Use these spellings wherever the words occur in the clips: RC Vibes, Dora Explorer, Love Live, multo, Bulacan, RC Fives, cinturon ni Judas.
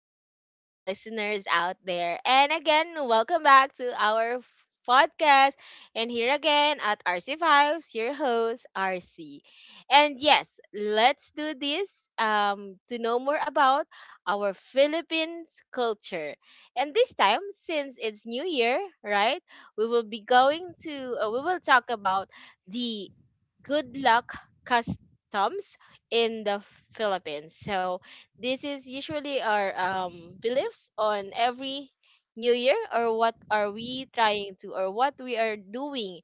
evening, our listeners out there. And again, welcome back to our podcast. And here again at RC Fives, your host, RC. And yes, let's do this to know more about our Philippines culture. And this time, since it's New Year, right, we will be going to, we will talk about the good luck customs in the Philippines. So this is usually our beliefs on every new year, or what are we trying to, or what we are doing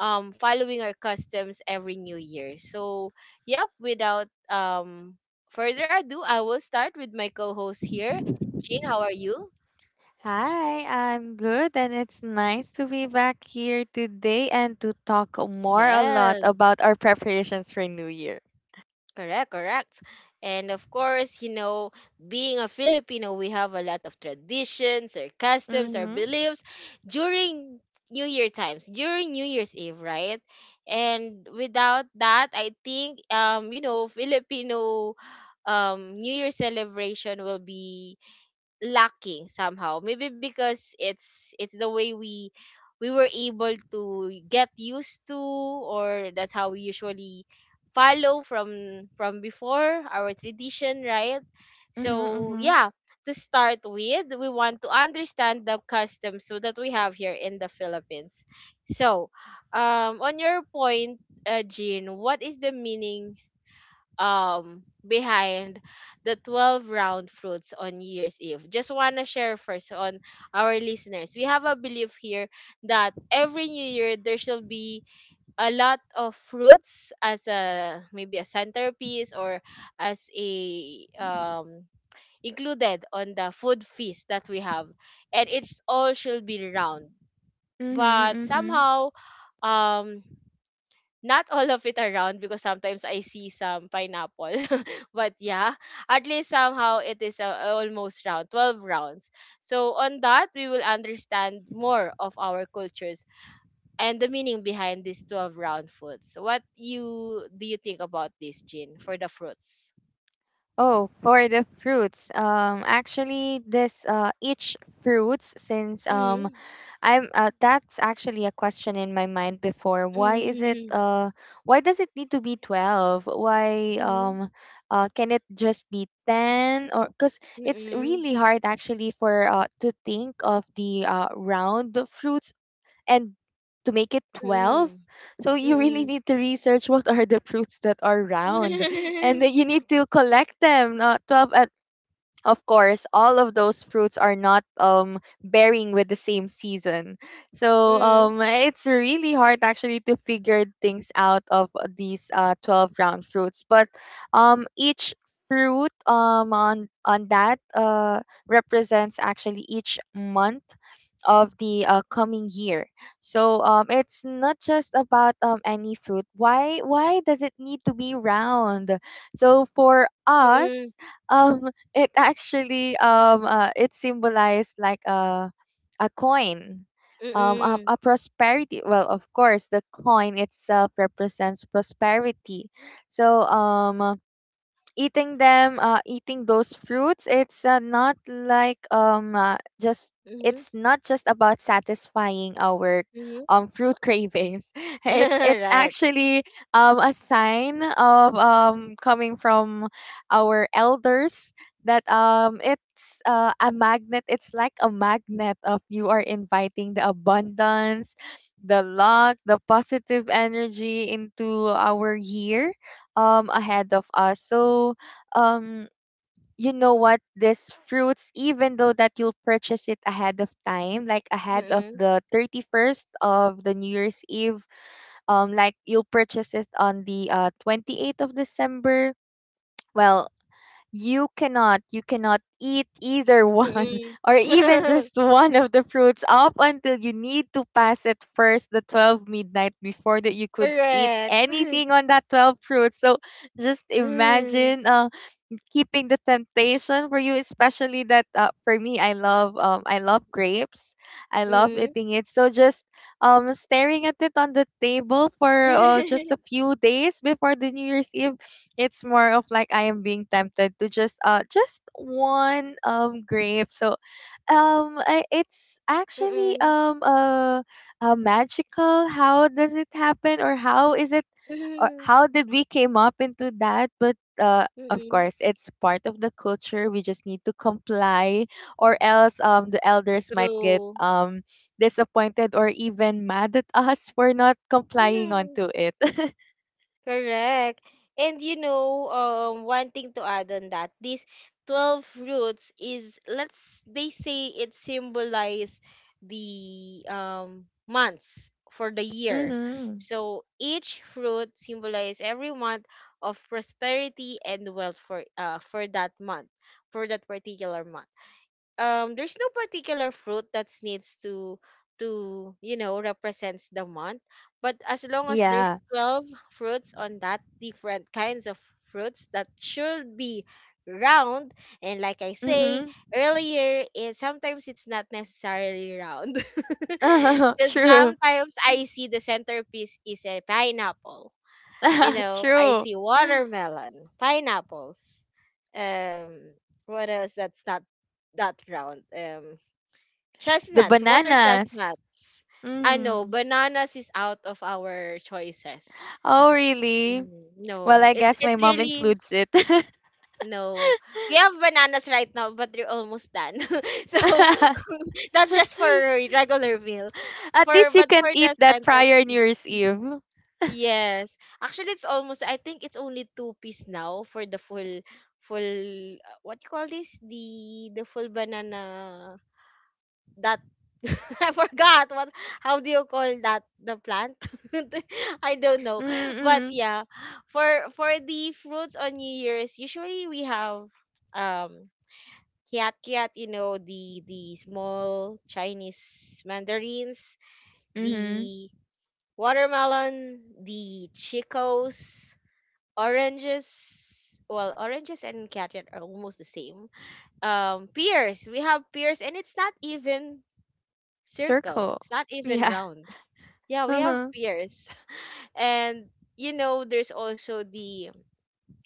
following our customs every new year. So yep, without further ado, I will start with my co-host here. Jean, how are you? Hi, I'm good, and it's nice to be back here today and to talk more a lot Yes. about our preparations for New Year. Correct, correct. And of course, being a Filipino, we have a lot of traditions or customs or Mm-hmm. beliefs during New Year times, during New Year's Eve, right? And without that, I think Filipino New Year celebration will be lacking somehow, maybe because it's the way we were able to get used to, or that's how we usually follow from before our tradition, right? Mm-hmm. So Mm-hmm. yeah, to start with, we want to understand the customs so that we have here in the Philippines. So on your point, Jean, what is the meaning behind the 12 round fruits on year's eve? Just want to share first on our listeners, we have a belief here that every new year there shall be a lot of fruits as a, maybe, a centerpiece, or as a included on the food feast that we have, and it's all should be round. Mm-hmm. But Mm-hmm. somehow, um not all of it around, because sometimes I see some pineapple. But yeah, at least somehow it is, almost round, 12 rounds. So on that, we will understand more of our cultures and the meaning behind these 12 round foods. What you do you think about this, Jin, for the fruits? Oh, for the fruits. Actually, this each fruits since Mm, I'm that's actually a question in my mind before. Mm, Why does it need to be 12? Why mm, Can it just be 10? Or cuz it's mm, really hard actually for to think of the round fruits and to make it 12. mm, So mm, you really mm. need to research what are the fruits that are round, and then Mm, you need to collect them. 12, of course, all of those fruits are not bearing with the same season. So it's really hard actually to figure things out of these 12 round fruits, but each fruit on that represents actually each month of the coming year. So it's not just about any fruit. Why does it need to be round? So for mm, us, um it actually it symbolized like a coin. Mm, A prosperity. Well, of course, the coin itself represents prosperity. So, eating those fruits, it's not like just mm, it's not just about satisfying our mm, mm. Fruit cravings. It's actually a sign of coming from our elders that it's a magnet, it's like a magnet of you are inviting the abundance, the luck, the positive energy into our year ahead of us. So, um you know what, these fruits, even though that you'll purchase it ahead of time, like ahead of Right. the 31st of the new year's eve, like you'll purchase it on the 28th of December, well, you cannot eat either one Mm. or even just one of the fruits up until you need to pass at first the 12 midnight. Before that, you could eat Correct. anything on that 12 fruits. So just Mm. imagine keeping the temptation for you, especially that for me, I love grapes. I love Mm. eating it. So just staring at it on the table for just a few days before the New Year's Eve, it's more of like I am being tempted to just one grape. So it's actually Mm. Magical. How does it happen, or how is it, or Mm. how did we came up into that? But of Mm. course, it's part of the culture. We just need to comply, or else the elders might get disappointed or even mad at us for not complying True. onto it. Correct. And one thing to add on that, these 12 roots is, they say it symbolize the months for the year. Mhm. So each fruit symbolize every month of prosperity and wealth for, for that month, for that particular month. There's no particular fruit that needs to represents the month, but as long as there's Yeah. 12 fruits on that, different kinds of fruits that should be round. And like I say Mhm. earlier, is sometimes it's not necessarily round because True. sometimes I see the centerpiece is a pineapple. I True. see watermelon, pineapples. Um, what else that's not that round? Um, The chestnuts, water bananas. chestnuts. I know Mm. bananas is out of our choices. Oh, really? Mm, Well, no, I it's guess my mom really includes it. no. We have bananas right now, but they're almost done. So that's just for regular meal. At For least you but can't for eat the that prior New centerpiece. Year's Eve. Yes. Actually, it's almost, I think it's only two piece now for the full, what you call this? The full banana, that, I forgot what, how do you call that? The plant? I don't know. But Mm-mm. yeah, for, the fruits on New Year's, usually we have, um, kiat kiat, the, small Chinese mandarins, Mm-hmm. the watermelon, the chicos, oranges. Well, oranges and carrot are almost the same. Pears, we have pears, and it's not even circle, Circle. it's not even Yeah. round. Yeah, we have Uh-huh. pears. And there's also the,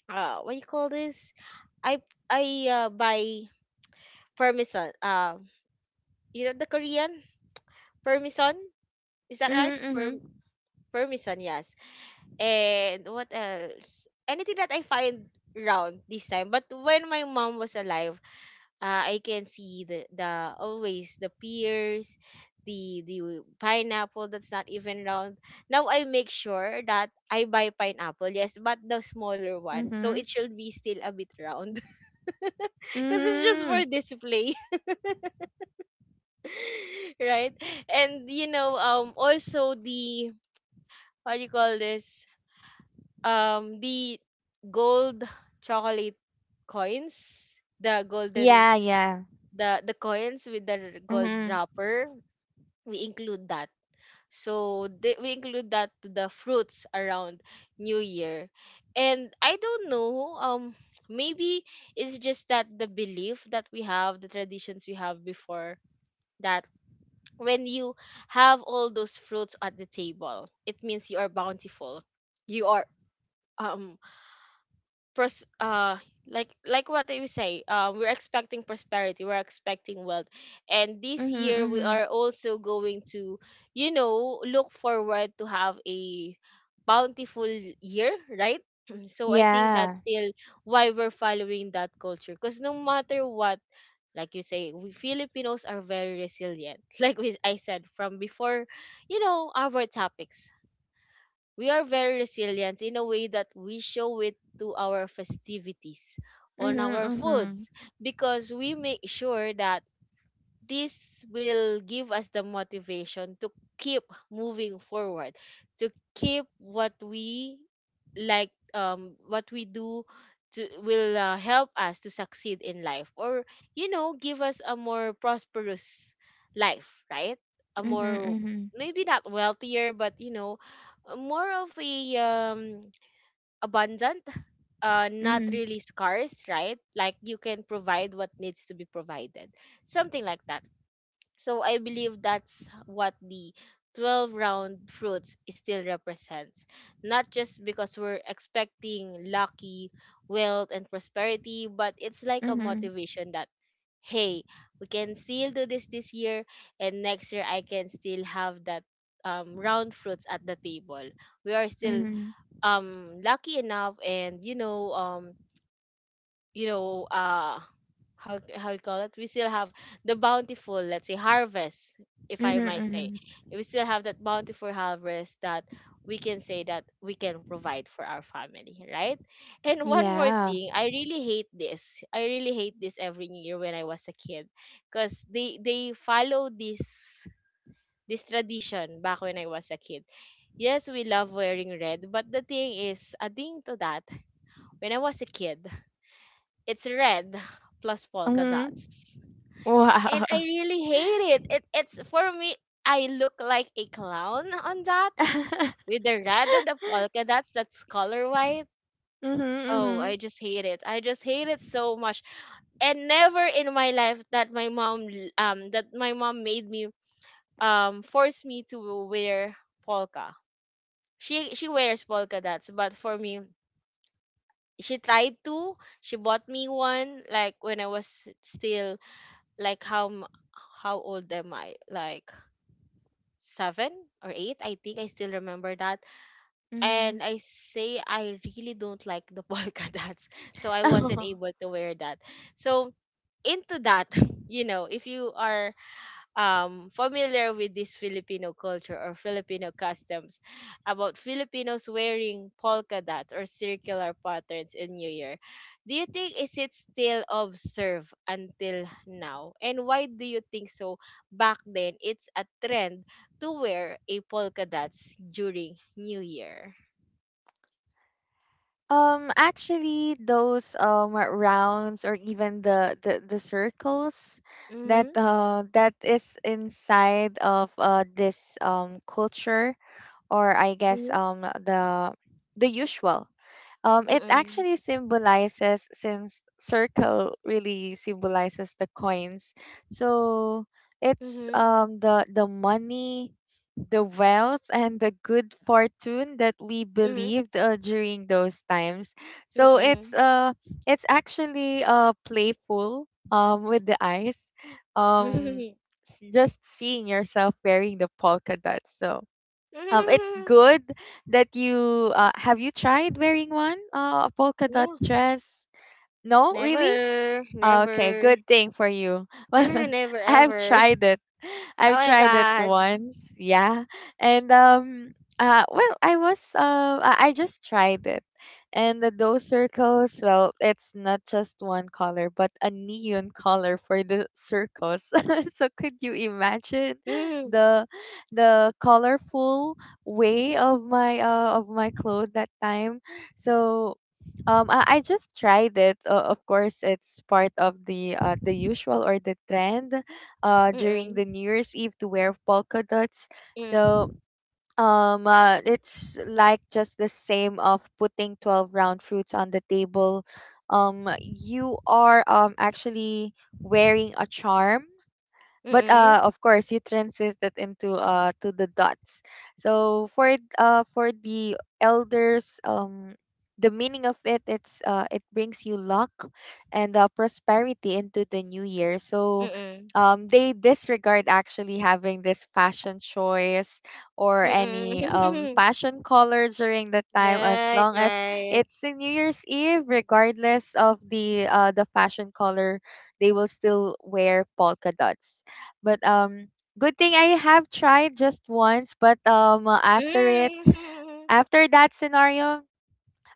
what you call this, i I buy parmesan, the Korean parmesan, is that right, Mhm, Per? mhm, Parmesan, yes. And what else, anything that I find round this time. But when my mom was alive, I can see the, always the pears, the pineapple, that's not even round. Now I make sure that I buy pineapple, yes, but the smaller one, so mhm. it should be still a bit round because it's just Mhm. for display, right? And also the, what do you call this? The gold chocolate coins, the golden, Yeah, yeah. the coins with the gold Mhm. wrapper. We include that. So we include that to the fruits around New Year. And I don't know, maybe it's just that the belief that we have, the traditions we have before, that when you have all those fruits at the table, it means you are bountiful. You are, um pros like, what you say, we're expecting prosperity, we're expecting wealth. And this Mhm, year we mhm. are also going to, look forward to have a bountiful year, right? So I think that's Yeah. still why we're following that culture, because no matter what, like you say, we Filipinos are very resilient. Like I said from before, you know, our topics, we are very resilient in a way that we show it to our festivities, on Mhm, our mhm. foods, because we make sure that this will give us the motivation to keep moving forward, to keep what we, what we do, to will help us to succeed in life, or you know, give us a more prosperous life, right? A Mhm, more, mhm. maybe not wealthier, but you know, a more of a abundant, not Mhm, really scarce, right? Like you can provide what needs to be provided, something like that. So I believe that's what the 12 round fruits still represents. Not just because we're expecting lucky, wealth, and prosperity, but it's like a mhm. motivation that, hey, we can still do this this year, and next year I can still have that round fruits at the table. We are still Mhm. Lucky enough, and you know uh how you call it, we still have the bountiful, let's say, harvest, if Mhm, I might say. mhm. We still have that bountiful harvest, that we can say that we can provide for our family, right? And one more Yeah. thing, I really hate this, I really hate this every New Year when I was a kid, because they follow this tradition back when I was a kid. Yes, we love wearing red, but the thing is, adding to that, when I was a kid, it's red plus polka Mhm. dots. And I Wow. really hate it. It's for me, I look like a clown on that, with the red and the polka dots, that's color white. Mhm, Oh, mhm. I just hate it. I just hate it so much. And never in my life that my mom that my mom made me, force me to wear polka. She wears polka dots, but for me, she tried to. She bought me one, like, when I was still, like, how old am I? Like seven or eight, I think I still remember that. Mhm. And I say I really don't like the polka dots, so I wasn't able to wear that. So into that, if you are familiar with this Filipino culture or Filipino customs, about Filipinos wearing polka dots or circular patterns in New Year. Do you think is it still observed until now? And why do you think so? Back then, it's a trend to wear a polka dots during New Year. Actually, those rounds, or even the circles Mhm. That is inside of this culture, or I guess Mhm. The usual. It Mm-mm. actually symbolizes, since circle really symbolizes the coins. So it's Mhm. The money, the wealth, and the good fortune that we Mhm. believed during those times. So Mm-mm. It's actually playful with the eyes. Um, just seeing yourself wearing the polka dots. So it's good that you have you tried wearing one, a polka dot No, dress? No, really? never, Okay, never. good thing for you. Ah, Well, never I've ever. tried it. Oh I've my tried it God. once, yeah. And well, I was I just tried it. And the those circles, well, it's not just one color, but a neon color for the circles. So could you imagine Mm, the colorful way of my clothes that time? So I just tried it. Of course, it's part of the usual or the trend during mm-mm, the New Year's Eve, to wear polka dots. So mm, it's like just the same of putting 12 round fruits on the table. You are actually wearing a charm, but mm-mm, of course you translate it into to the dots. So for the elders, the meaning of it, it brings you luck and prosperity into the new year. So mm-mm, they disregard actually having this fashion choice or any mm-mm. fashion color during that time, as Right, long as right. it's a new year's eve. Regardless of the fashion color, they will still wear polka dots. But good thing I have tried just once, but after it, Mm. after that scenario,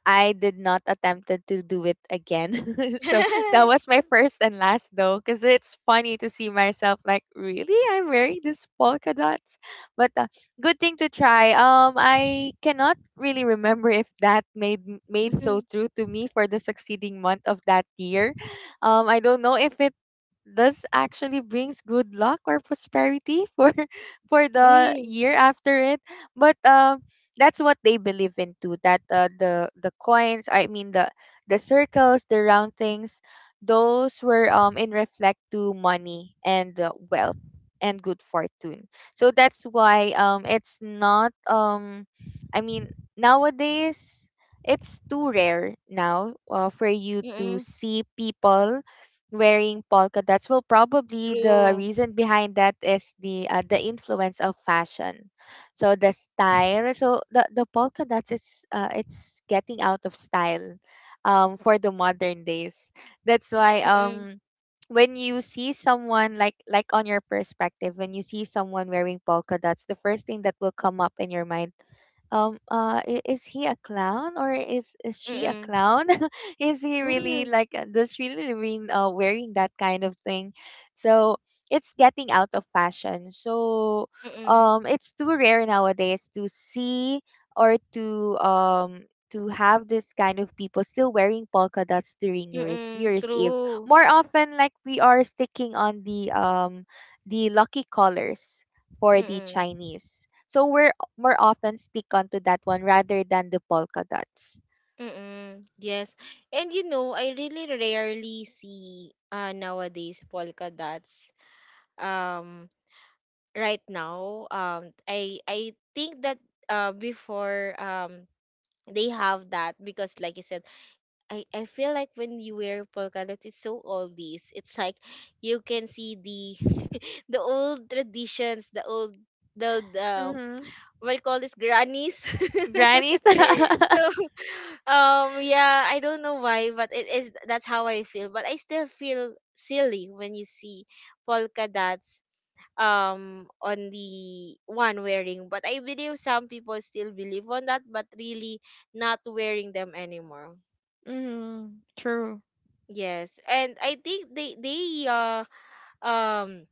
I did not attempted to do it again. So that was my first and last, though, cuz it's funny to see myself like really I'm wearing this polka dots. But good thing to try. Um, I cannot really remember if that made so Mm, true to me for the succeeding month of that year. Um, I don't know if it this actually brings good luck or prosperity for for the mm, year after it. But that's what they believe in too, that the coins, I mean, the circles, the round things, those were in reflect to money and wealth and good fortune. So that's why it's not I mean, nowadays, it's too rare now for you to mm-mm. see people wearing polka dots. Well, probably the True. reason behind that is the influence of fashion. So the style, so the polka dots, it's getting out of style, for the modern days. That's why Mm-mm, um. When you see someone like on your perspective, when you see someone wearing polka dots, the first thing that will come up in your mind is he a clown, or is she a mm-mm, clown? Is he really mm-mm, like does she really mean wearing that kind of thing? So it's getting out of fashion. So mm-mm, it's too rare nowadays to see or to have this kind of people still wearing polka dots during New mm-mm. Year's Eve. True. More often, like we are sticking on the lucky colors for the Mm-mm, Chinese. So we're more often stick onto that one rather than the polka dots. mm-mm. Yes. And I really rarely see nowadays polka dots. um right now, I think that, before, they have that, because like you said, I feel like when you wear polka dots it's so oldies, it's like you can see the, the old traditions, the old, the, Mm-hmm. we'll call this grannies. Grannies. Mm-hmm. So yeah, I don't know why, but it is, that's how I feel. But I still feel silly when you see polka dots on the one wearing. But I believe some people still believe on that, but really not wearing them anymore. True. Yes. And I think they um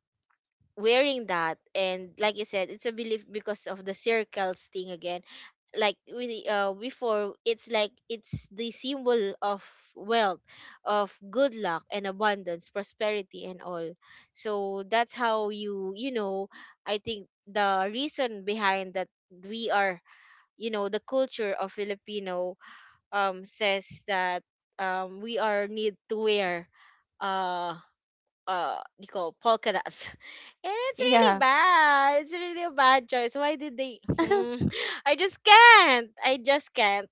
wearing that, and like you said, it's a belief because of the circles thing again, like we, before, it's like it's the symbol of wealth, of good luck and abundance, prosperity, and all. So that's how you, you know I think the reason behind that, we are, you know, the culture of Filipino says that, we are need to wear, uh you call polka dots and it's Yeah. really bad, it's really a bad choice, why did they? Hmm. I just can't. I just can't.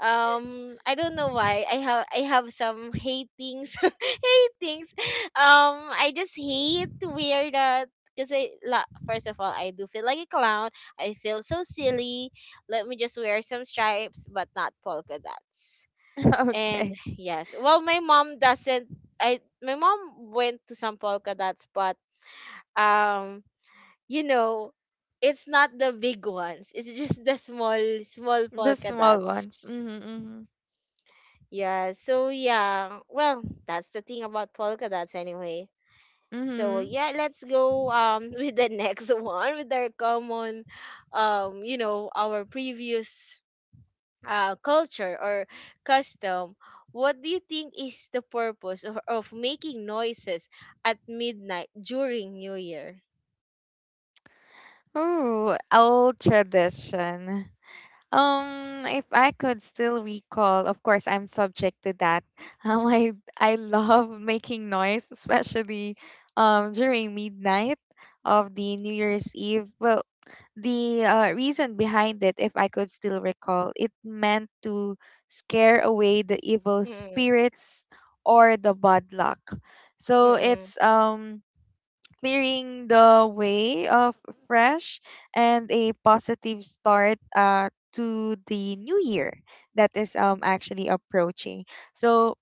I don't know why I have some hatings hatings. I just hate to wear that because first of all, I do feel like a clown. I feel so silly. Let me just wear some stripes, but not polka dots. And Okay. yes, well, my mom doesn't. I My mom went to some polka dots, but um, you know, it's not the big ones. It's just the small, small The polka small dots. ones. Mm-hmm. Yeah. So yeah. Well, that's the thing about polka dots, anyway. So Mm-hmm. yeah, let's go with the next one with our common, our previous culture or custom. What do you think is the purpose of making noises at midnight during New Year? Ooh, old tradition. If I could still recall, of course, I'm subject to that. I love making noise, especially during midnight of the New Year's Eve. Well, the reason behind it, if I could still recall, it meant to scare away the evil Mm-mm, spirits or the bad luck. So mm-mm, it's clearing the way of fresh and a positive start to the new year that is actually approaching. So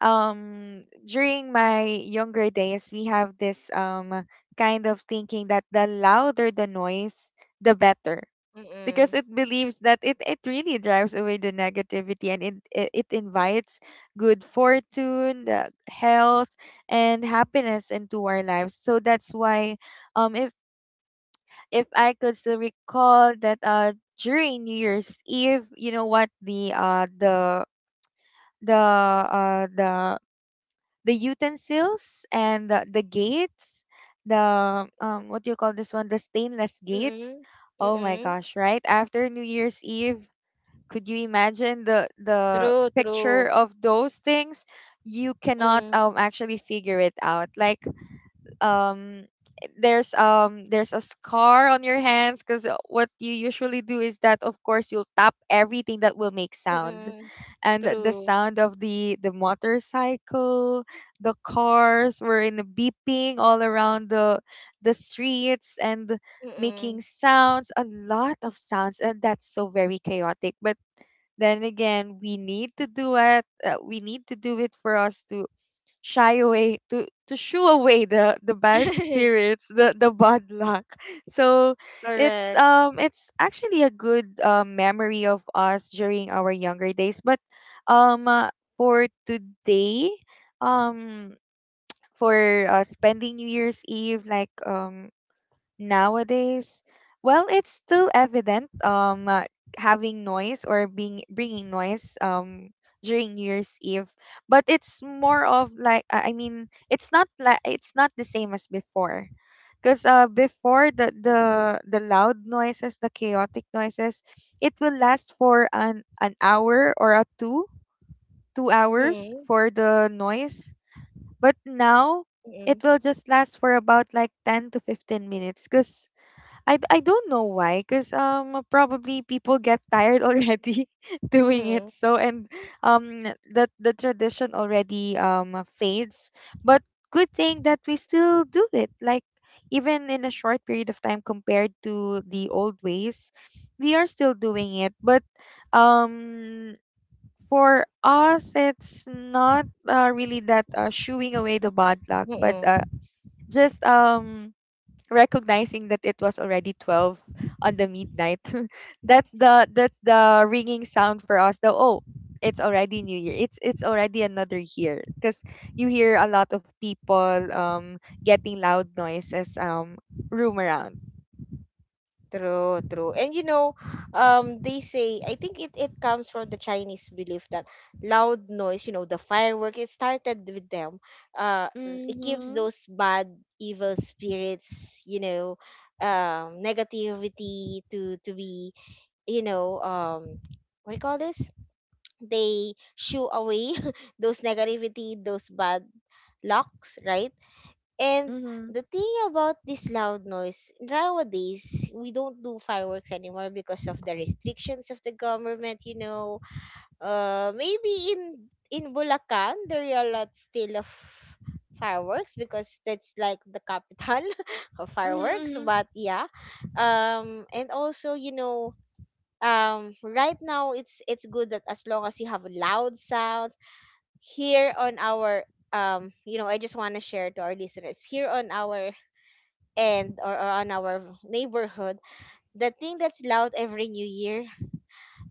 during my younger days we have this kind of thinking that the louder the noise, the better, because mm-mm, it believes that it really drives away the negativity, and it invites good fortune, the health, and happiness into our lives. So that's why um if if I could still recall that during New Year's Eve, you know what, the the uh the the utensils and the gates, the what do you call this one, the stainless gates, mm-mm, oh my mm-mm. gosh, right after new year's eve, could you imagine the True, picture true. of those things? You cannot Mm, actually figure it out, like um there's a scar on your hands, because what you usually do is that of course you'll tap everything that will make sound. mm-mm, And the true. sound of the motorcycle, the cars were in the beeping all around the streets, and making Mm-mm. sounds, a lot of sounds, and that's so very chaotic. But then again, we need to do it, we need to do it for us to shy away, to shoo away the bad spirits, the bad luck. So Correct. It's actually a good memory of us during our younger days. But um uh, for today, um, for spending new year's eve like nowadays, well, it's still evident having noise or being bringing noise during new year's eve, but it's more of like I mean, it's not like it's not the same as before, because before, the loud noises, the chaotic noises, it will last for an hour or a 2, 2 hours Mm-mm, for the noise. But now it mm-mm, will just last for about like 10 to 15 minutes because I don't know why, because probably people get tired already doing it. mm-mm, So, and um the tradition already fades. But good thing that we still do it. Like, even in a short period of time compared to the old ways, we are still doing it. But um for us it's not really that shooing away the bad luck, but mm-mm. just recognizing that it was already 12 on the midnight. That's the ringing sound for us. The oh it's already new year, it's already another year, because you hear a lot of people, getting loud noises, room around. True, true. And you know, they say, I think it comes from the Chinese belief that loud noise, you know, the firework, it started with them. Uh, it keeps Mm-hmm. those bad, evil spirits, you know, negativity to be, you know, what do you call this? They shoo away those negativity, those bad lucks, right? And Mm-hmm. the thing about this loud noise, nowadays, we don't do fireworks anymore because of the restrictions of the government, you know. Maybe in Bulacan, there are a lot still of fireworks because that's like the capital of Mm-hmm, fireworks. mm-hmm. But yeah, and also, you know, right now it's good that as long as you have loud sounds here on our you know, I just want to share to our listeners here on our, or on our neighborhood, the thing that's loud every new year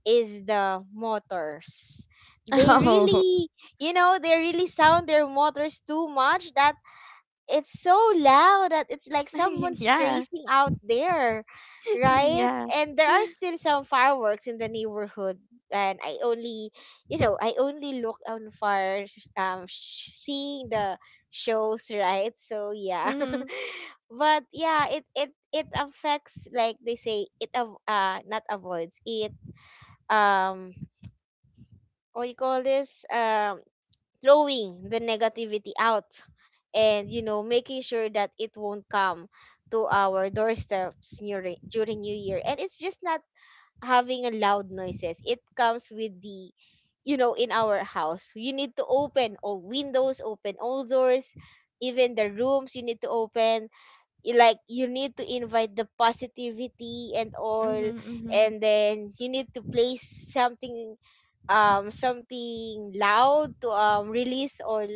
is the motors. They Oh. really, you know, they really sound their motors too much. That it's so loud that it's like someone's Yeah. racing out there, right? Yeah. And there are still some fireworks in the neighborhood, and I only, you know, I only look on far, seeing the shows, right? So yeah, Mm-hmm. but yeah, it affects, like they say, it not avoids it, um what you call this, throwing the negativity out, and you know, making sure that it won't come to our doorsteps during during new year. And it's just not having a loud noises, it comes with the, you know, in our house you need to open all windows, open all doors, even the rooms you need to open. Like, you need to invite the positivity and all, Mm-hmm. Mm-hmm. and then you need to place something, something loud to release all,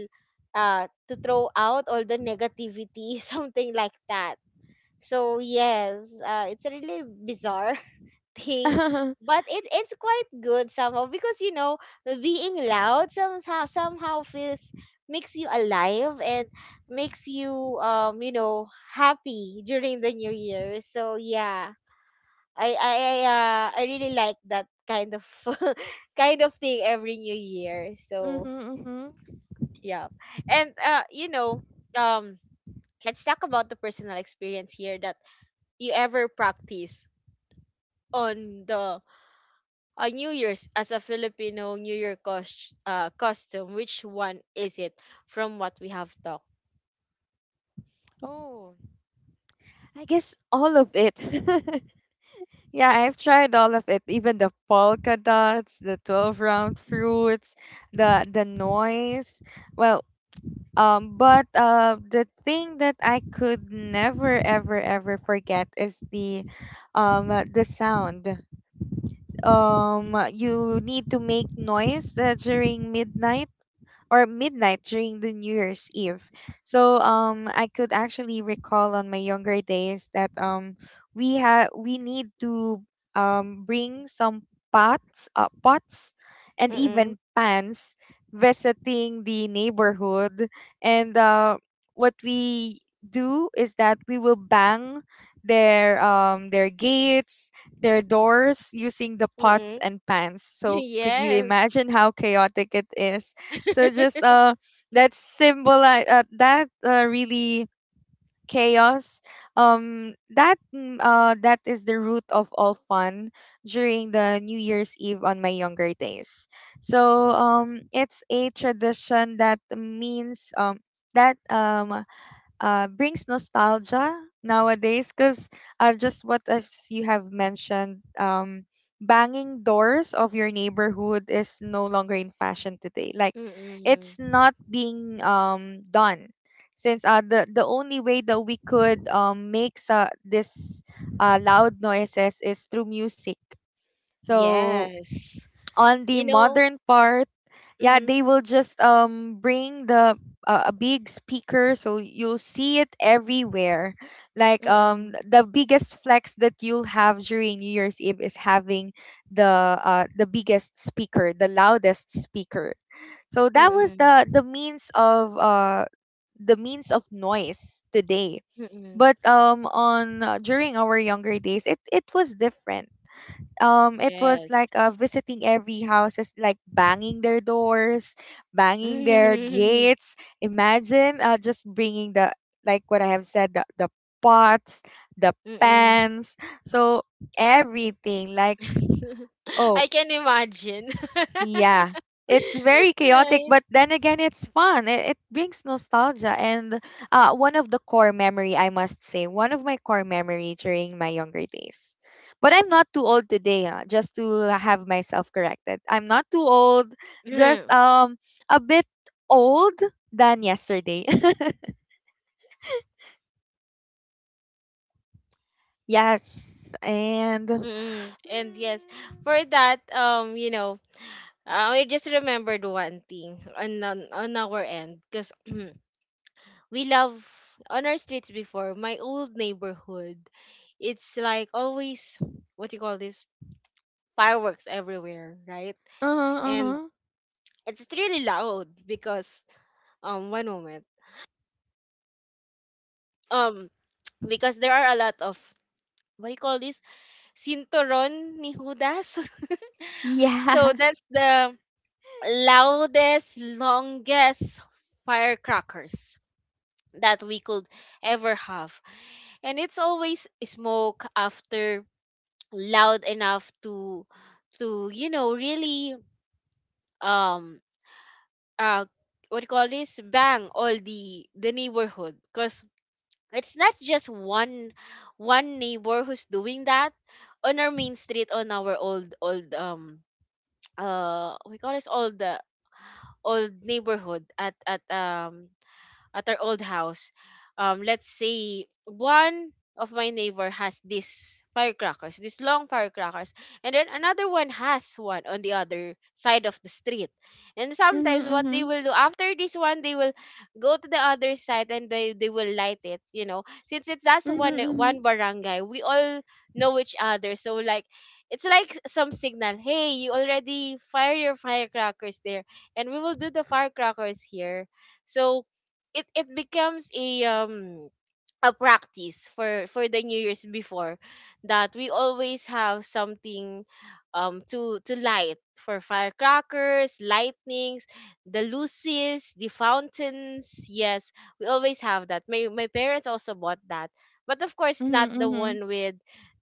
to throw out all the negativity something like that. So yes, it's a really bizarre thing, Mm-hmm. but it's quite good somehow because, you know, being loud somehow, somehow feels, makes you alive and makes you, you know, happy during the new year. So yeah, I I really like that kind of kind of thing every new year. So Mm-hmm. yeah, and you know, um, let's talk about the personal experience here that you ever practice on the New Year's as a Filipino New Year costume. Which one is it from what we have talked? Oh. I guess all of it. Yeah, I've tried all of it, even the polka dots, the 12 round fruits, the noise. Well, but the thing that I could never, ever, ever forget is the sound. Mm-mm. You need to make noise during midnight, or midnight during the New Year's Eve. So I could actually recall on my younger days that, we need to bring some pots, pots and Mm-mm. even pans, visiting the neighborhood. And what we do is that we will bang their, their gates, their doors using the pots Mm-mm. and pans. So could you Yes. imagine how chaotic it is? So just, that symbolize, that, really chaos, that is the root of all fun during the New Year's Eve on my younger days. So it's a tradition that means, that, brings nostalgia nowadays because, just what as you have mentioned, banging doors of your neighborhood is no longer in fashion today. Like, it's Mm-mm. not being, done, since the only way that we could, make sa this, loud noises is through music. So Yes. on the You know. modern part, yeah, Mm-mm. they will just bring the a big speaker, so you'll see it everywhere, like, Mm-mm. the biggest flex that you'll have during new year's eve is having the biggest speaker, the loudest speaker. So that was Mm, the means of, the means of noise today. mm. But on during our younger days, it was different. It was Yes. like, visiting every house is like banging their doors, banging their gates. Imagine, just bringing the, like what I have said, the pots, the Mm. pans, so everything, like, oh. I can imagine. Yeah. It's very chaotic, Right. but then again, it's fun. It brings nostalgia. And, one of the core memory, I must say, one of my core memory during my younger days. But I'm not too old today, just to have myself corrected. I'm not too old, just Mm. A bit old than yesterday. Yes. And Mm-mm. And yes, for that, you know, I just remembered one thing on on our end because we love, on our streets before, my old neighborhood, it's like always, what you call this, fireworks everywhere, right? Uh-huh, And uh-huh. it's really loud because, one moment, um because there are a lot of, what do you call this, cinturon ni Judas, so Yeah. that's the loudest, longest firecrackers that we could ever have. And it's always smoke after, loud enough to you know, really, um uh what do you call this, bang all the neighborhood, because it's not just one one neighbor who's doing that. On our main street, on our old old we call this old, old neighborhood at our old house, let's say one of my neighbor has these firecrackers, these long firecrackers, and then another one has one on the other side of the street. And Mm-hmm, sometimes what they mm-hmm. will do after this one, they will go to the other side and they will light it. You know, since it's that's Mm-hmm, one mm-hmm. one barangay, we all know each other. So like, it's like some signal. Hey, you already fire your firecrackers there, and we will do the firecrackers here. So it becomes a practice for the new year's before, that we always have something, to light for firecrackers, lightnings, the luces, the fountains. Yes, we always have that. My parents also bought that, but of course not Mm-hmm, the mm-hmm. one with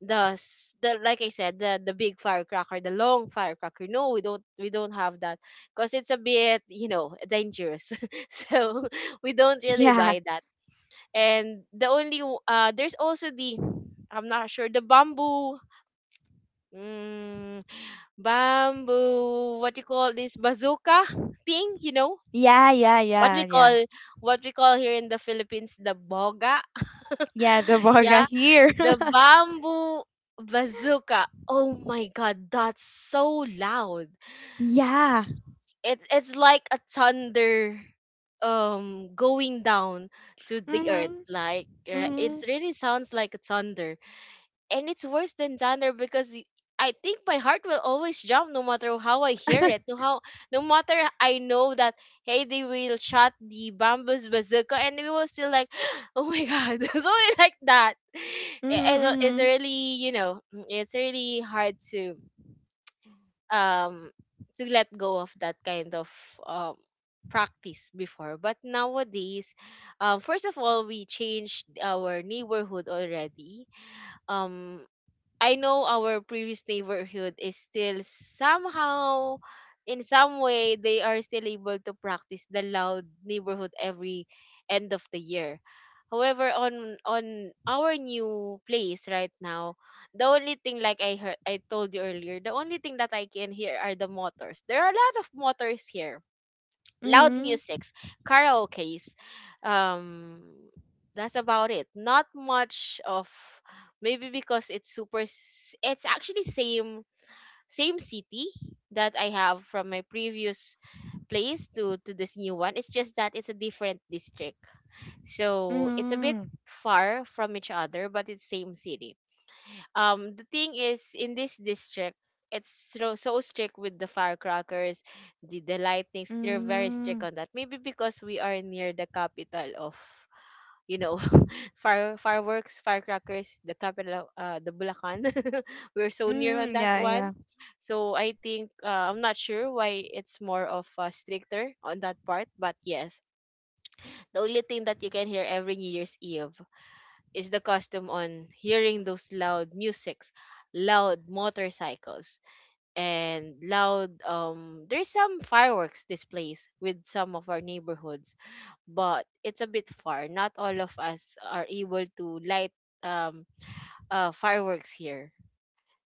the, like I said, the big firecracker, the long firecracker. No, we don't, we don't have that because it's a bit, you know, dangerous. So we don't really Yeah. buy that. And the only there's also the, I'm not sure, the bamboo, mm, bamboo, what you call this, bazooka thing, you know, Yeah, yeah, what yeah, we yeah. call, what we call here in the Philippines, the boga. Yeah, the boga Yeah, here. the bamboo bazooka. Oh my god, that's so loud. Yeah. It's like a thunder, going down to the earth. Mhm. Like, it's Mhm. really sounds like a thunder, and it's worse than Donner because I think my heart will always jump no matter how I hear it. No how, no matter, I know that, hey, they will shot the bamboo's bazooka, and we will still like, oh my god, something like that. I don't- It's Mhm. really, you know, it's really hard um to let go of that kind of um practice before. But nowadays, first of all, we changed our neighborhood already. um I know our previous neighborhood is still, somehow, in some way, they are still able to practice the loud neighborhood every end of the year. However, on our new place right now, the only thing, like I heard, I told you earlier, the only thing that I can hear are the motors. There are a lot of motors here, loud Mhm. musics, karaoke's. Um, that's about it. Not much of, maybe because it's super. It's actually same, same city that I have from my previous place to this new one. It's just that it's a different district, so it's a Mhm. bit far from each other, but it's same city. The thing is, in this district, it's so, so strict with the firecrackers, the lightnings. They're very Mhm. strict on that, maybe because we are near the capital of, you know, fireworks, firecrackers, the capital of, the Bulacan. We're so Mhm. near on that Yeah, yeah. one. So I think, I'm not sure why it's more of, stricter on that part. But yes, the only thing that you can hear every New Year's Eve is the custom on hearing those loud musics, loud motorcycles, and loud, there's some fireworks displays with some of our neighborhoods, but it's a bit far. Not all of us are able to light um fireworks here.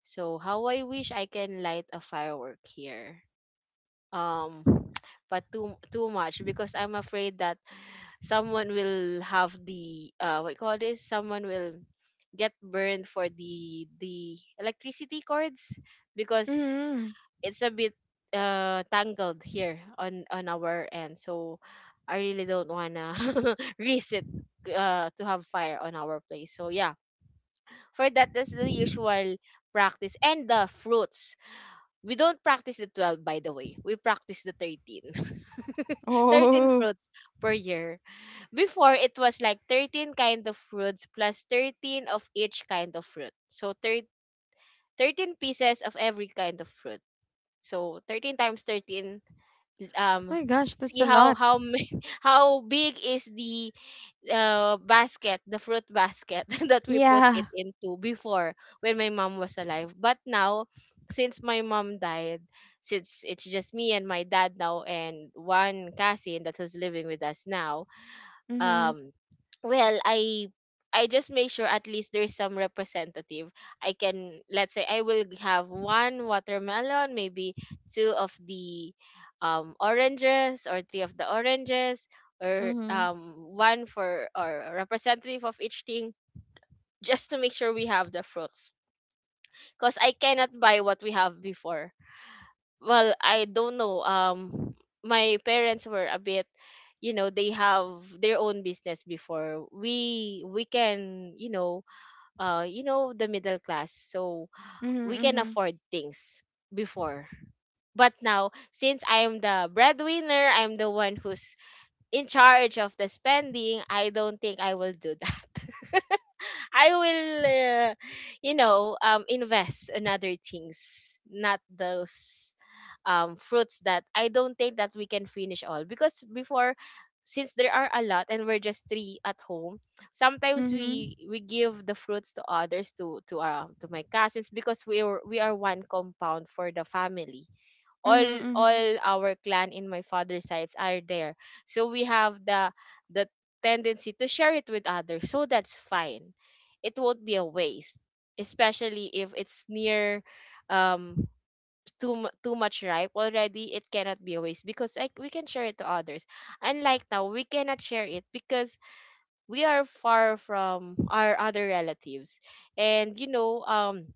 So how I wish I can light a firework here. Um but too too much because I'm afraid that someone will have the what you call this, someone will get burned for the electricity cords, because Mhm. it's a bit tangled here on our end. So I really don't wanna risk it, to have fire on our place. So yeah, for that, that's the usual practice. And the fruits, we don't practice the 12, by the way. We practice the 13, 13 Oh, fruits per year. Before it was like 13 kind of fruits plus 13 of each kind of fruit. So 13 pieces of every kind of fruit. So 13 times 13, um, my gosh, that's see a how lot. How big is the, basket, the fruit basket that we put it Yeah. into before, when my mom was alive. But now, since my mom died, since it's just me and my dad now and one cousin that was living with us now, Mhm. um well i I just make sure at least there's some representative. I can, let's say, I will have one watermelon, maybe two of the oranges or three of the oranges, or Mhm. One for, or a representative of each thing, just to make sure we have the fruits, because I cannot buy what we have before. Well, I don't know. My parents were a bit, you know, they have their own business before, we can, you know, you know, the middle class, so Mhm. we can Mhm. afford things before. But now, since I am the breadwinner, I'm the one who's in charge of the spending, I don't think I will do that. I will, you know, invest in other things, not those fruits that I don't think that we can finish all. Because before, since there are a lot and we're just three at home, sometimes Mhm. we give the fruits to others, to to my cousins, because we are one compound for the family. all Mhm. Mhm. all our clan in my father's sides are there, so we have the tendency to share it with others, so that's fine. It won't be a waste, especially if it's near, um too much ripe already. It cannot be a waste because, like, we can share it to others. Unlike now, we cannot share it because we are far from our other relatives. And you know,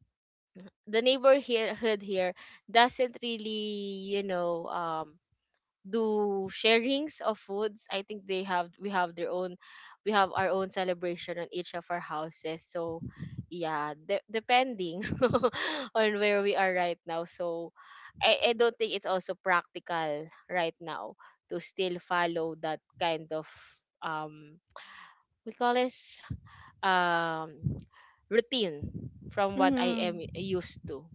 the neighborhood here doesn't really, you know, do sharings of foods. I think they have, we have their own, we have our own celebration on each of our houses. So yeah, depending on where we are right now. So I don't think it's also practical right now to still follow that kind of um we call this um routine from what I am Mhm. used to.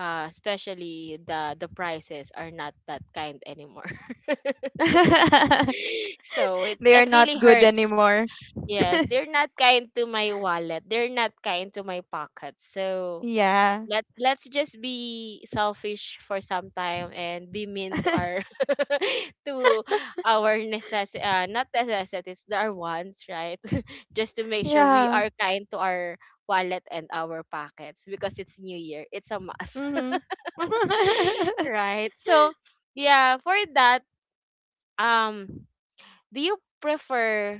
Especially the prices are not that kind anymore. So it They are it not really good hurts. anymore. Yes, they're not kind to my wallet. They're not kind to my pocket. So Yeah. Let's just be selfish for some time and be mean to our to our necess not necessities, our wants, right? Just to make sure we Yeah. are kind to our wallet and our pockets, because it's New Year. It's a must, Mhm. right? So yeah, for that, um do you prefer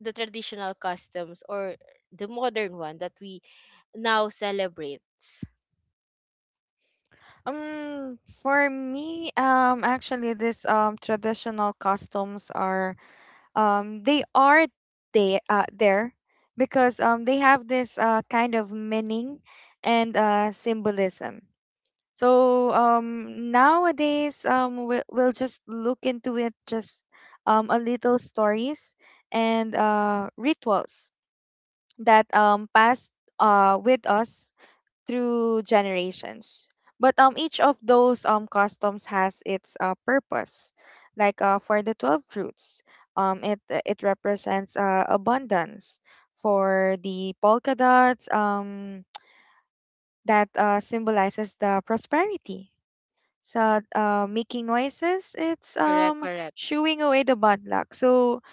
the traditional customs or the modern one that we now celebrate? For me, actually, this traditional customs are um they are they uh there, because they have this kind of meaning and symbolism. So nowadays, we'll just look into it, just a little stories and rituals that passed with us through generations. But, each of those customs has its purpose. Like, for the 12 fruits, it represents, abundance. For the polka dots, that, symbolizes the prosperity. So, making noises, it's Correct, correct. shooing away the bad luck. So,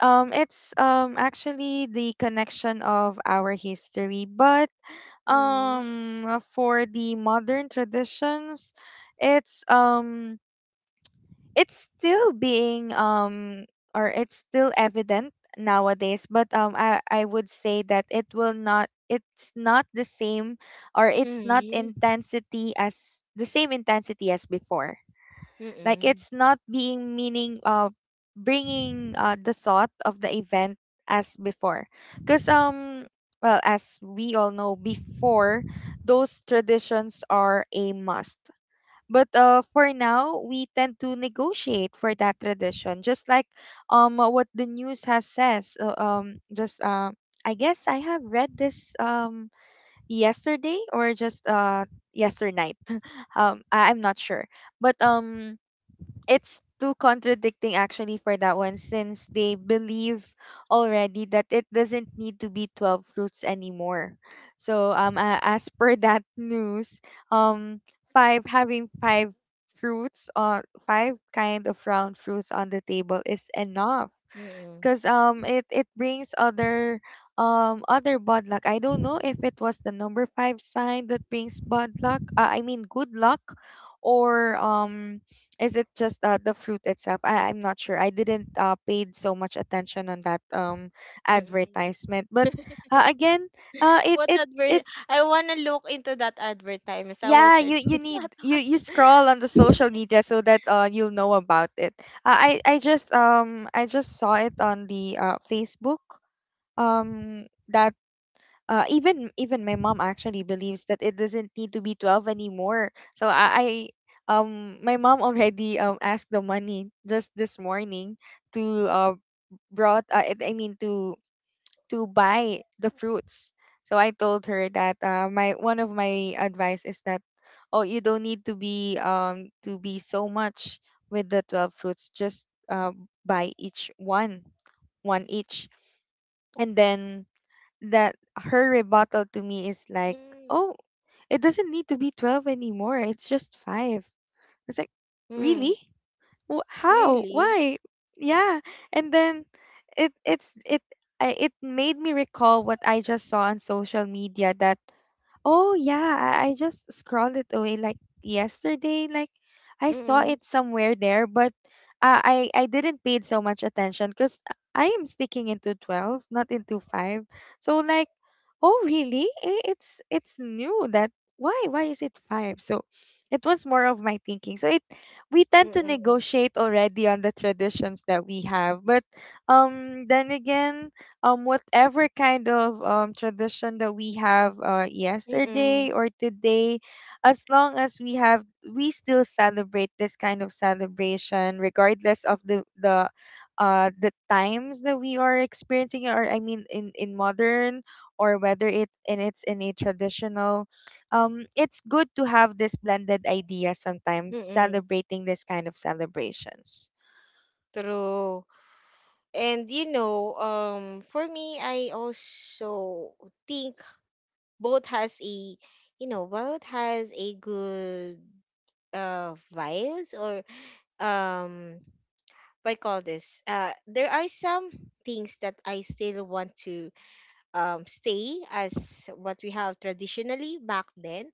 it's actually the connection of our history, but Mm, for the modern traditions, it's um it's still being, or it's still evident nowadays. But I would say that it's not the same, or it's not mm, intensity as the same intensity as before. Like, mm, it's not being meaning, bringing, the thought of the event as before. Cuz, well, as we all know, before those traditions are a must. But for now, we tend to negotiate for that tradition, just like what the news has says, just, I guess I have read this, yesterday, or just yesternight. I'm not sure. But it's too contradicting actually for that one, since they believe already that it doesn't need to be 12 fruits anymore. So, as per that news, um five having five fruits, or five kind of round fruits on the table is enough, mm, because it brings other, other bad luck. I don't know if it was the number five sign that brings bad luck. I mean good luck, or is it just, the fruit itself? I'm not sure. I didn't paid so much attention on that mm. advertisement. But, again, it What it it advert? I wanna look into that advertisement. I will yeah, search you for you that need, you scroll on the one. social media so that you'll know about it. I just saw it on the Facebook, that, even my mom actually believes that it doesn't need to be 12 anymore. So I my mom already, asked the money just this morning, to brought, I mean, to buy the fruits. So I told her that, my one of my advice is that, "Oh, you don't need to be, to be so much with the 12 fruits, just, buy each one, one each." And then, that her rebuttal to me is like, Mm, "Oh, it doesn't need to be 12 anymore. It's just 5." It's like, mm, "Really? How? really? Why?" Yeah. And then, it it's it it made me recall what I just saw on social media that, "Oh, yeah, I just scrolled it away like yesterday. Like, I saw Mm, it somewhere there, but, I didn't pay so much attention, cuz I am sticking into 12, not into 5." So, like, "Oh, really? It's new that, why is it five?" So it was more of my thinking. So it we mm, tend to mm, negotiate already on the traditions that we have. But, then again, whatever kind of tradition that we have, mm, yesterday or today, as long as we still celebrate this kind of celebration regardless of the times that we are experiencing, or I mean in modern, or whether it's in a traditional, it's good to have this blended idea mm, sometimes mm. celebrating this kind of celebrations. True. And you know, for me, I also think both has a, you know, both has a good vibes, or um what I call this, there are some things that I still want to stay as what we have traditionally back then,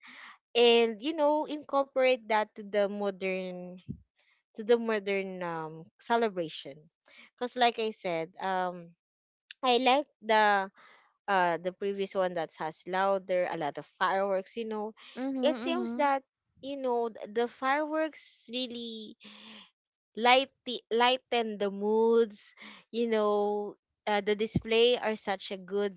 and, you know, incorporate that to the modern, to the modern celebration, because like I said, I like the previous one that has louder, a lot of fireworks, you know. Mm-hmm. It seems Mm-hmm. that, you know, the fireworks really light, lighten the moods, you know. The display are such a good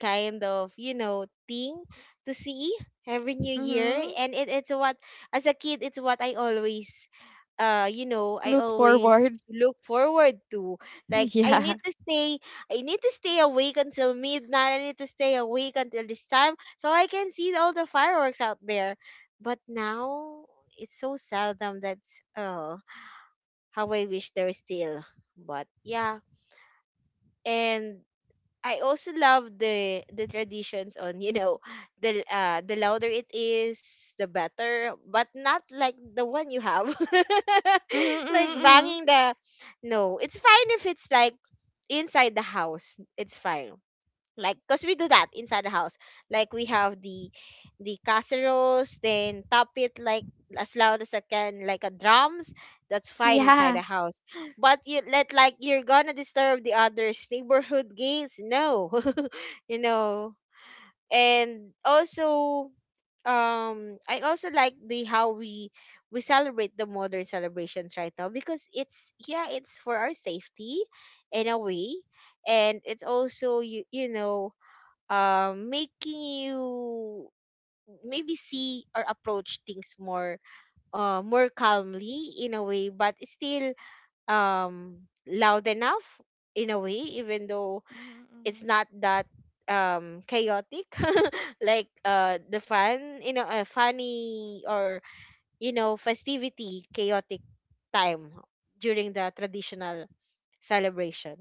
kind of, you know, thing to see every new year. Mm-hmm. And it's what, as a kid, it's what I always, you know, I Look always forward. look forward to. Like I Yeah. need to stay, I need to stay awake until midnight, I need to stay awake until this time so I can see all the fireworks out there. But now it's so seldom that uh how I wish they're still. But yeah, and I also love the traditions on, you know, the louder it is, the better. But not like the one you have, Mm-hmm. like Mm-hmm, mm-hmm. banging the. No, it's fine if it's like inside the house. It's fine, like, because we do that inside the house. Like we have the casseroles then top it, like as loud as I can, like a drums. That's fine inside Yeah. the house. But you, let, like, you're gonna disturb the others neighborhood gays, no. You know. And also, I also like the how we celebrate the modern celebrations right now, because it's, yeah, it's for our safety in a way, and it's also, you know, making you maybe see or approach things more more calmly in a way, but still loud enough in a way, even though it's Mm-hmm. not that chaotic like the fun, you know, a funny, or, you know, festivity chaotic time during the traditional celebration.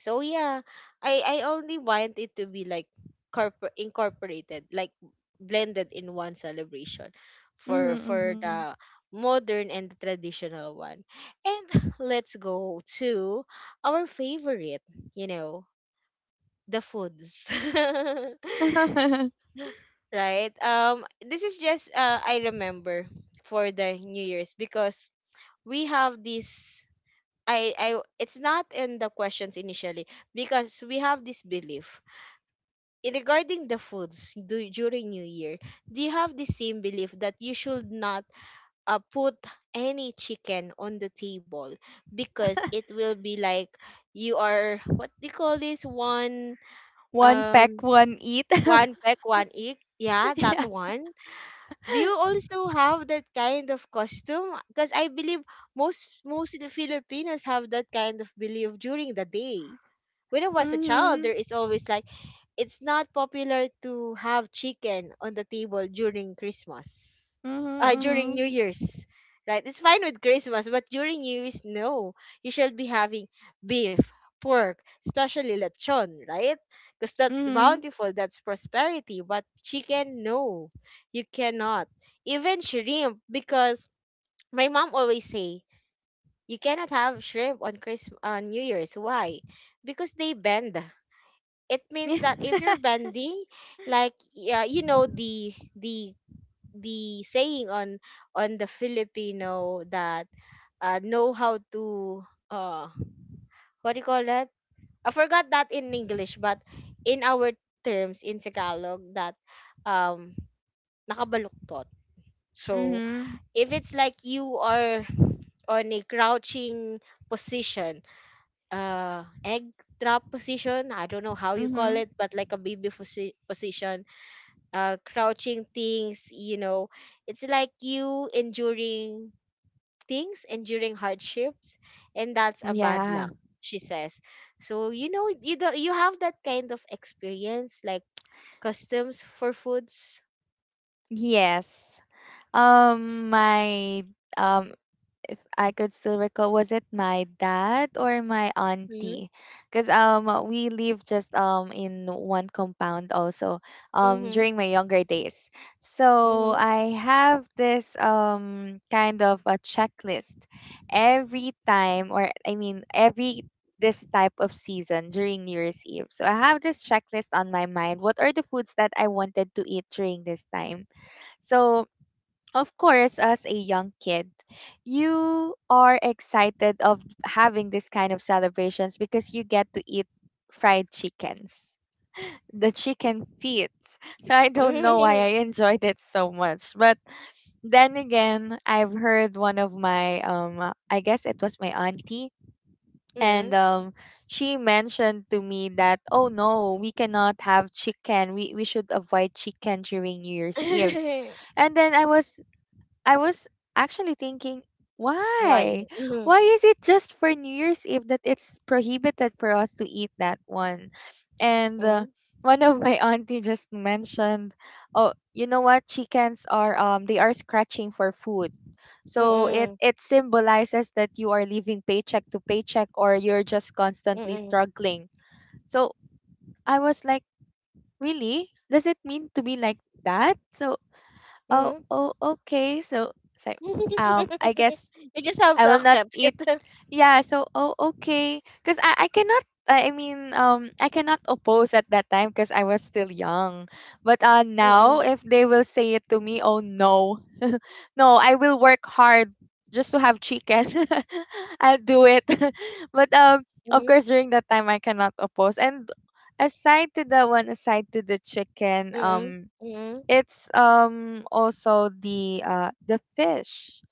So yeah, I only want it to be like incorporated, like blended in one celebration for Mm-hmm. the modern and the traditional one. And let's go to our favorite, you know, the foods. Mm-hmm. Right? This is just I remember, for the New Year's, because we have this, I it's not in the questions initially, because we have this belief in regarding the foods do, during New Year, do you have the same belief that you should not, put any chicken on the table, because it will be like you are what they call this one, One peck, um one eat. one peck one egg, yeah, that Yeah. one. Do you also have that kind of costume? Because I believe most, most of the filipinos have that kind of belief during the day. When I was a child, Mm-hmm. there is always like, it's not popular to have chicken on the table during Christmas. During New Mm-hmm. Year's. Right? It's fine with Christmas, but during New Year's, no. You should be having beef, pork, especially lechon, right? Because that's Mm-hmm. Mm-hmm. bountiful, that's prosperity. But chicken, no. You cannot. Even shrimp, because my mom always say, you cannot have shrimp on Christmas, on New Year's. Why? Because they bend, it means Yeah. that if you're bending, like, yeah, you know, the saying on the filipino that know how to uh what do you call that, I forgot that in english, but in our terms in tagalog, that um nakabaluktot. So Mm-hmm. if it's like you are on a crouching position, egg drop position, I don't know how you call Mm-hmm. it, but like a baby position. Crouching things, you know. It's like you enduring things, enduring hardships, and that's a bad Yeah. luck, she says. So, you know, you do, you have that kind of experience, like customs for foods. Yes. My um, if I could still recall, was it my dad or my Mm-hmm. auntie? Because, we live just in one compound also. Mm-hmm. During my younger days, so Mm-hmm. I have this kind of a checklist every time, or I mean every this type of season during New Year's Eve. So I have this checklist on my mind. What are the foods that I wanted to eat during this time? So, of course, as a young kid, you are excited of having this kind of celebrations because you get to eat fried chickens, the chicken feet. So I don't know why Mm-hmm. I enjoyed it so much. But then again, I've heard one of my, I guess it was my auntie, Mm-hmm. and she mentioned to me that, "Oh no, we cannot have chicken. We should avoid chicken during New Year's Eve." And then I was actually thinking, why? Why? Why Mm-hmm. is it just for New Year's Eve that it's prohibited for us to eat that one? And, one of my auntie just mentioned, "Oh, you know what? Chickens are They are scratching for food. So it Mm-hmm. it symbolizes that you are living paycheck to paycheck, or you're just constantly Mm-hmm. struggling." So I was like, "Really? Does it mean to be like that?" So, "Oh, Mm-hmm. oh, okay." So it's like, I guess You just have I to will not accept eat. it. Yeah. So, oh, okay. Because I cannot. I mean, I cannot oppose at that time because I was still young. But, now Mm-hmm. if they will say it to me, "Oh no, no, I will work hard just to have chicken. I'll do it." But of course, during that time, I cannot oppose. And aside to that one, aside to the chicken, Mm-hmm. Mm-hmm. it's also the fish.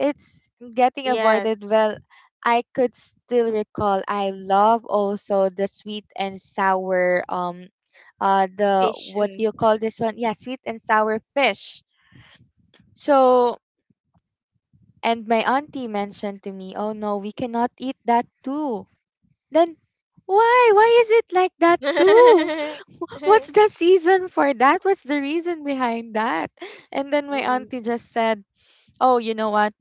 It's getting avoided. Yes, Well, I could still recall. I love also the sweet and sour the fish. what do Mm. you call this one? Yeah, sweet and sour fish. So and my auntie mentioned to me, "Oh no, we cannot eat that too." Then why? Why is it like that too? What's the season for that? What's the reason behind that? And then my Mm-mm, auntie just said, "Oh, you know what?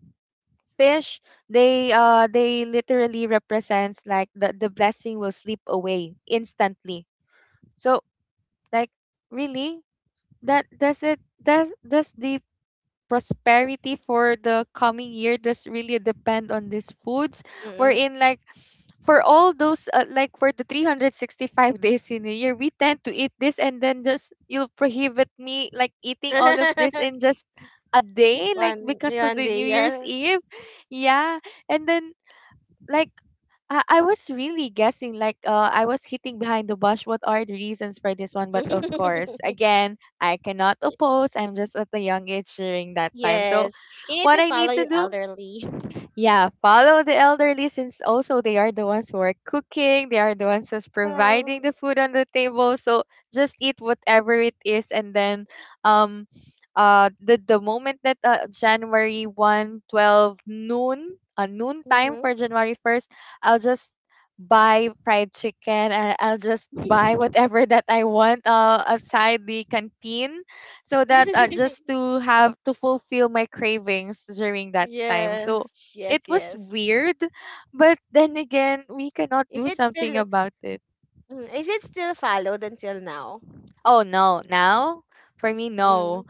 Fish, they literally represents like the blessing will slip away instantly. So like really that does it does the prosperity for the coming year does really depend on these foods? We're mm-mm. in like for all those like for the 365 days in a year we tend to eat this and then just you'll prohibit me like eating all of this in just a day like One, because of one the day, new year's yeah. eve yeah and then like I was really guessing like I was hitting behind the bush. What are the reasons for this one? But of course, again, I cannot oppose. I'm just at a young age during that time, so Yes, you need what to I follow need to your do, elderly. yeah, follow the elderly, since also they are the ones who are cooking, they are the ones who's providing Well, the food on the table. So just eat whatever it is and then um the moment that January 1st, 12 noon, noon time mm-hmm. for January 1st, I'll just buy fried chicken and I'll just buy whatever that I want outside the canteen so that just to have to fulfill my cravings during that time. So Yes, yes, it was yes. weird, but then again, we cannot Is do it something still, about it. mm, is it still followed until now? Oh no, now for me Mm, no.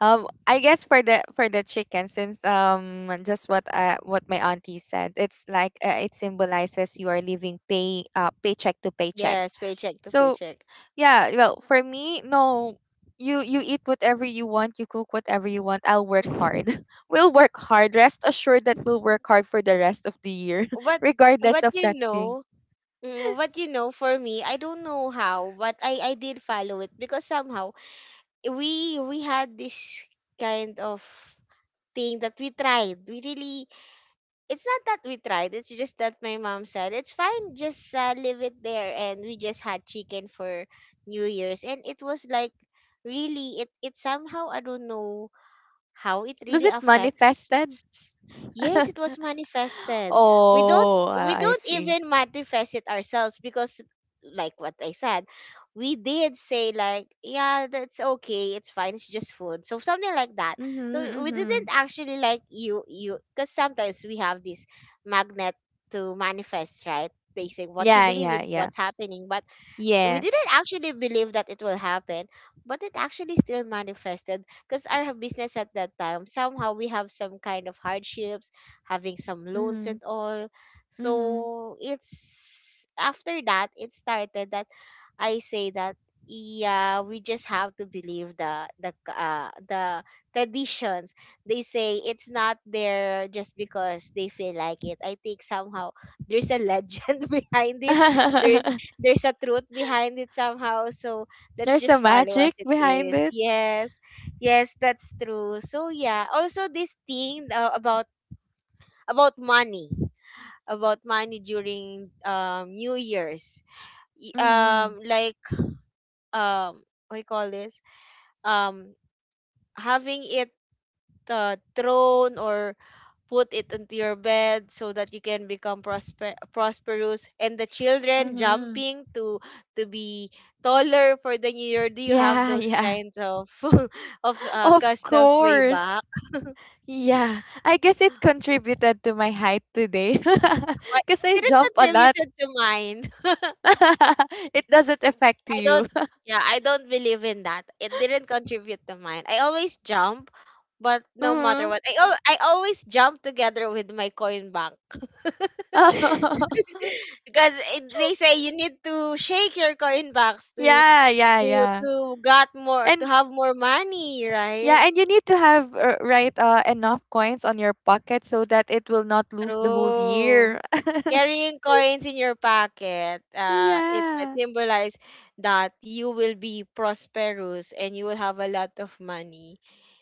I guess for the chicken, since just what my auntie said, it's like it symbolizes you are living paycheck to paycheck. yes, paycheck to So paycheck. yeah, well for me no, you eat whatever you want, you cook whatever you want. I'll work hard. We'll work hard. Rest assured that we'll work hard for the rest of the year, But regardless but of that you thing. know, mm, but you know, for me, I don't know how, but I did follow it because somehow we had this kind of thing that we tried. We really, it's not that we tried. It's just that my mom said it's fine. Just leave it there, and we just had chicken for New Year's, and it was like, really, it somehow, I don't know how it Was really it affects. manifested? Yes, it was manifested. We don't Oh, we I don't see. even manifest it ourselves because, like what I said, we did say like, yeah, that's okay, it's fine, it's just food, so something like that. So Mm-hmm, we didn't mm-hmm. actually, like, you, because sometimes we have this magnet to manifest, right? They say what you Yeah, believe yeah, is yeah. what's happening, but we Yes. didn't actually believe that it will happen, but it actually still manifested, because our business at that time somehow, we have some kind of hardships, having some loans Mm-hmm, and all. mm-hmm. So it's after that it started, that I say that, yeah, we just have to believe the the traditions. They say it's not there just because they feel like it. I think somehow there's a legend behind it. There, there's a truth behind it somehow. So let's There's a just follow as magic it behind is. it. Yes, yes, that's true. So yeah, also this thing, about money, about money during, new year's. Y-, Mm-hmm, like, what do you call this, um having it thrown or put it into your bed so that you can become prosperous, and the children mm-hmm. jumping to be taller for the new year. Do you have Yeah, those yeah. kinds of of, Of customs way back? course. Yeah. I guess it contributed to my height today. But Because I it didn't jump a contribute lot. to mine. It doesn't affect I don't, you. yeah, I don't believe in that. It didn't contribute to mine. I always jump, but no matter Mm-hmm. what. I I always jump together with my coin bank. Because it, they say you need to shake your coin banks to Yeah, yeah, to yeah. to got more, to And have more money, right? yeah, and you need to have enough coins on your pocket so that it will not lose the whole True. year. Carrying coins in your pocket, it, it Yeah. symbolizes that you will be prosperous and you will have a lot of money.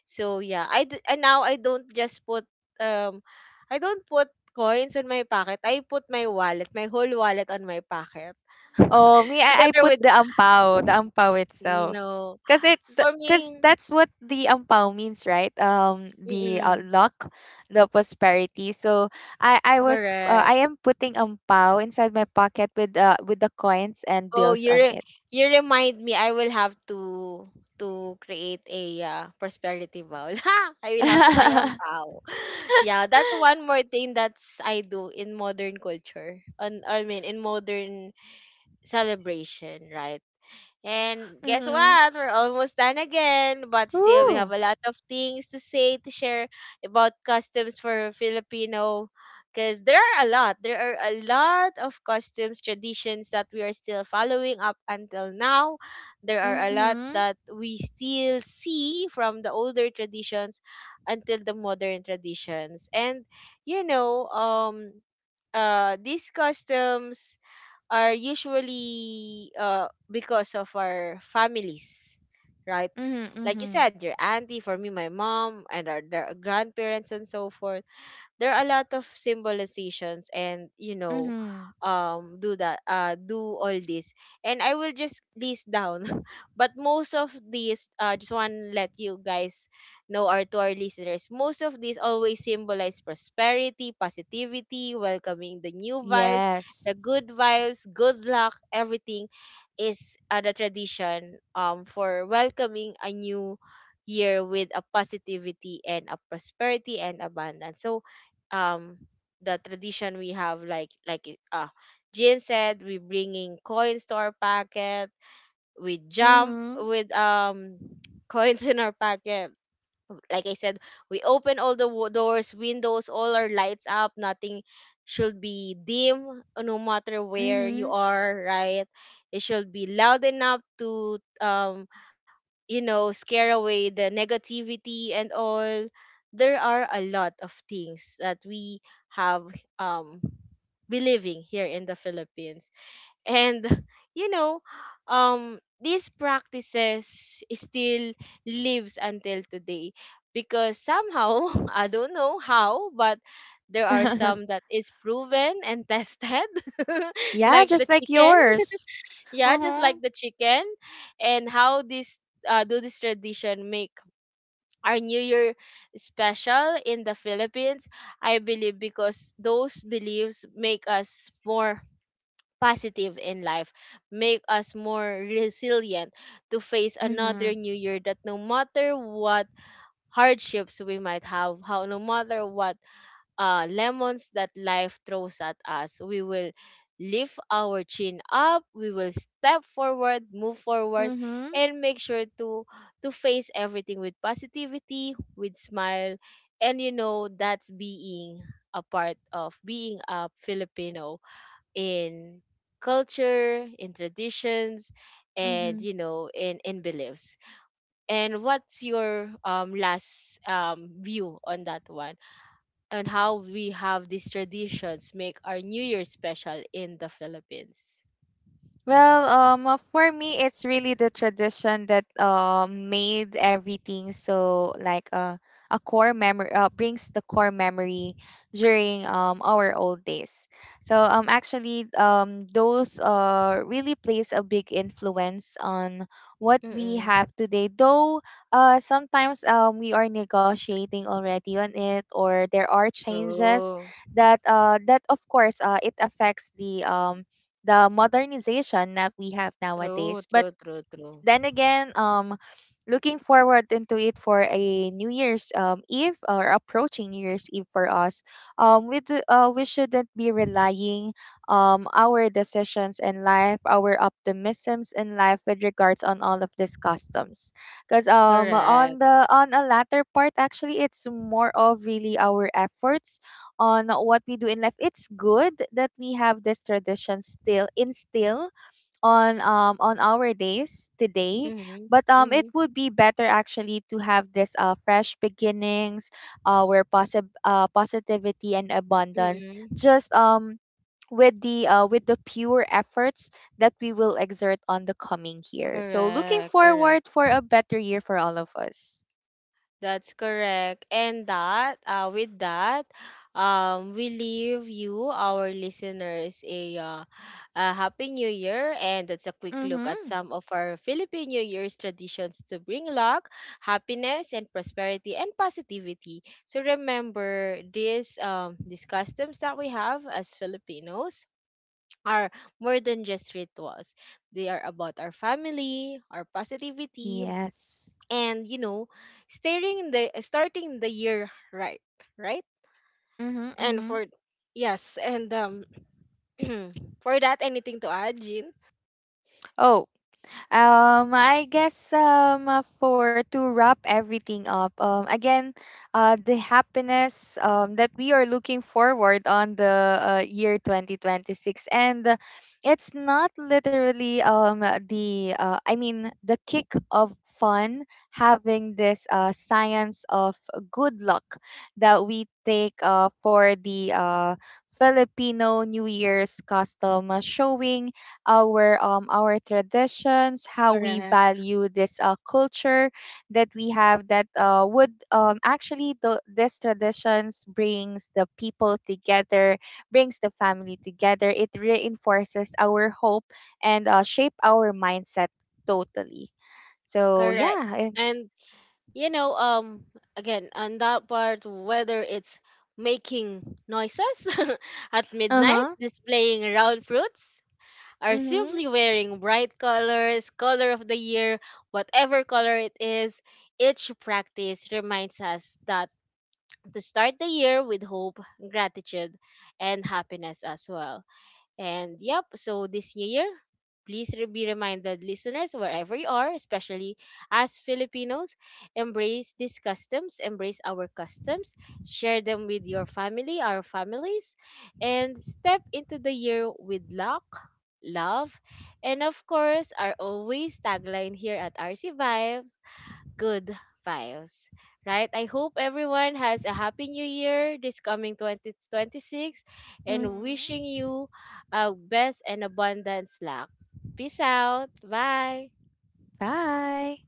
So yeah, I, and now I don't just put um, I don't put coins on my pocket. I put my wallet, my whole wallet on my pocket Oh, me I together put with, the ampao itself. no. Cuz it For cuz me, that's what the ampao means, right? The mm, Luck, the prosperity. So I was correct. I am putting ampao inside my pocket with the coins and Oh, bills you on it. you remind me. I will have to create a, prosperity bowl. Ha! I will have to buy a ampao. Yeah, that's one more thing that's I do in modern culture. On I mean In modern celebration, right? And guess Mhm. what? We're almost done again, but still we have Ooh. a lot of things to say to share about customs for Filipino because there are a lot. There are a lot of customs traditions that we are still following up until now. There are a Mhm. lot that we still see from the older traditions until the modern traditions. And you know, um these customs are usually because of our families, right? Mhm. Like you Mhm. said, your auntie, for me, my mom, and our their grandparents and so forth, there are a lot of symbolizations and, you know, Mhm. Do all this, and I will just list down. But most of these, just want to let you guys know, or to our listeners, most of these always symbolize prosperity, positivity, welcoming the new vibes, Yes. the good vibes, good luck. Everything is the tradition for welcoming a new year with a positivity and a prosperity and abundance. So um the tradition we have, like, Jean said, we bringing coins to our pocket, we jump Mhm. with coins in our pocket. Like I said, we open all the doors, windows, all our lights up, nothing should be dim, no matter where you Mhm. are, right? It should be loud enough to, you know, scare away the negativity and all. There are a lot of things that we have um believing here in the Philippines. And, you know, these practices still lives until today, because somehow I don't know how, but there are some that is proven and tested. Yeah, Like the just like chicken, yours. yeah, just like Mhm. the chicken. And how this do this tradition make our new year special in the Philippines. I believe because those beliefs make us more positive in life, make us more resilient to face another Mhm. new year, that no matter what hardships we might have, how no matter what lemons that life throws at us. We will lift our chin up, we will step forward, move forward, Mhm. and make sure to face everything with positivity, with smile, and you know, that's being a part of being a Filipino in culture, in traditions, and Mhm. you know, in beliefs. And what's your last view on that one? And how we have these traditions make our New Year special in the Philippines. Well, for me, it's really the tradition that made everything so like a core memory brings the core memory during our old days. So actually those really plays a big influence on what we Mm-mm. have today. Though sometimes we are negotiating already on it, or there are changes True. that that of course it affects the modernization that we have True, nowadays. But true, true, true. then again, looking forward into it for a New Year's Eve or approaching New Year's Eve for us, we do, we shouldn't be relying our decisions in life, our optimisms in life with regards on all of these customs, because on Correct. the on a latter part, actually it's more of really our efforts on what we do in life. It's good that we have this tradition still instill on our days today, Mm-hmm. but it Mm-hmm. would be better actually to have this fresh beginnings where positivity and abundance Mm-hmm. just with the pure efforts that we will exert on the coming year. So looking Correct, correct. forward for a better year for all of us. That's correct. And that, with that, we leave you, our listeners, a happy new year. And that's a quick look at Mhm. some of our Philippine New Year's traditions to bring luck, happiness, and prosperity and positivity. So remember, these customs that we have as Filipinos are more than just rituals. They are about our family, our positivity, Yes. and, you know, starting the year right, right. Mhm. And Mhm. for, yes, and for that, anything to add, Jean? Oh. For to wrap everything up. Again, the happiness that we are looking forward on the year 2026, and it's not literally the I mean the kick of fun having this science of good luck that we take for the Filipino New Year's custom, showing our traditions, how we Correct, value this culture that we have, that would actually the this traditions brings the people together, brings the family together. It reinforces our hope and shape our mindset totally. So correct. yeah. And, you know, again, on that part, whether it's making noises at Uh midnight, huh. displaying round fruits, or Mhm. simply wearing bright colors, color of the year, whatever color it is, each practice reminds us that to start the year with hope, gratitude, and happiness as well. And yep, so this year, please be reminded, listeners, wherever you are, especially as Filipinos, embrace these customs, embrace our customs, share them with your family, our families, and step into the year with luck. Love, and of course, our always tagline here at RC Vibes, good vibes, right? I hope everyone has a happy new year this coming 2026, and Mhm. wishing you a best and abundance luck. Peace out. Bye. Bye.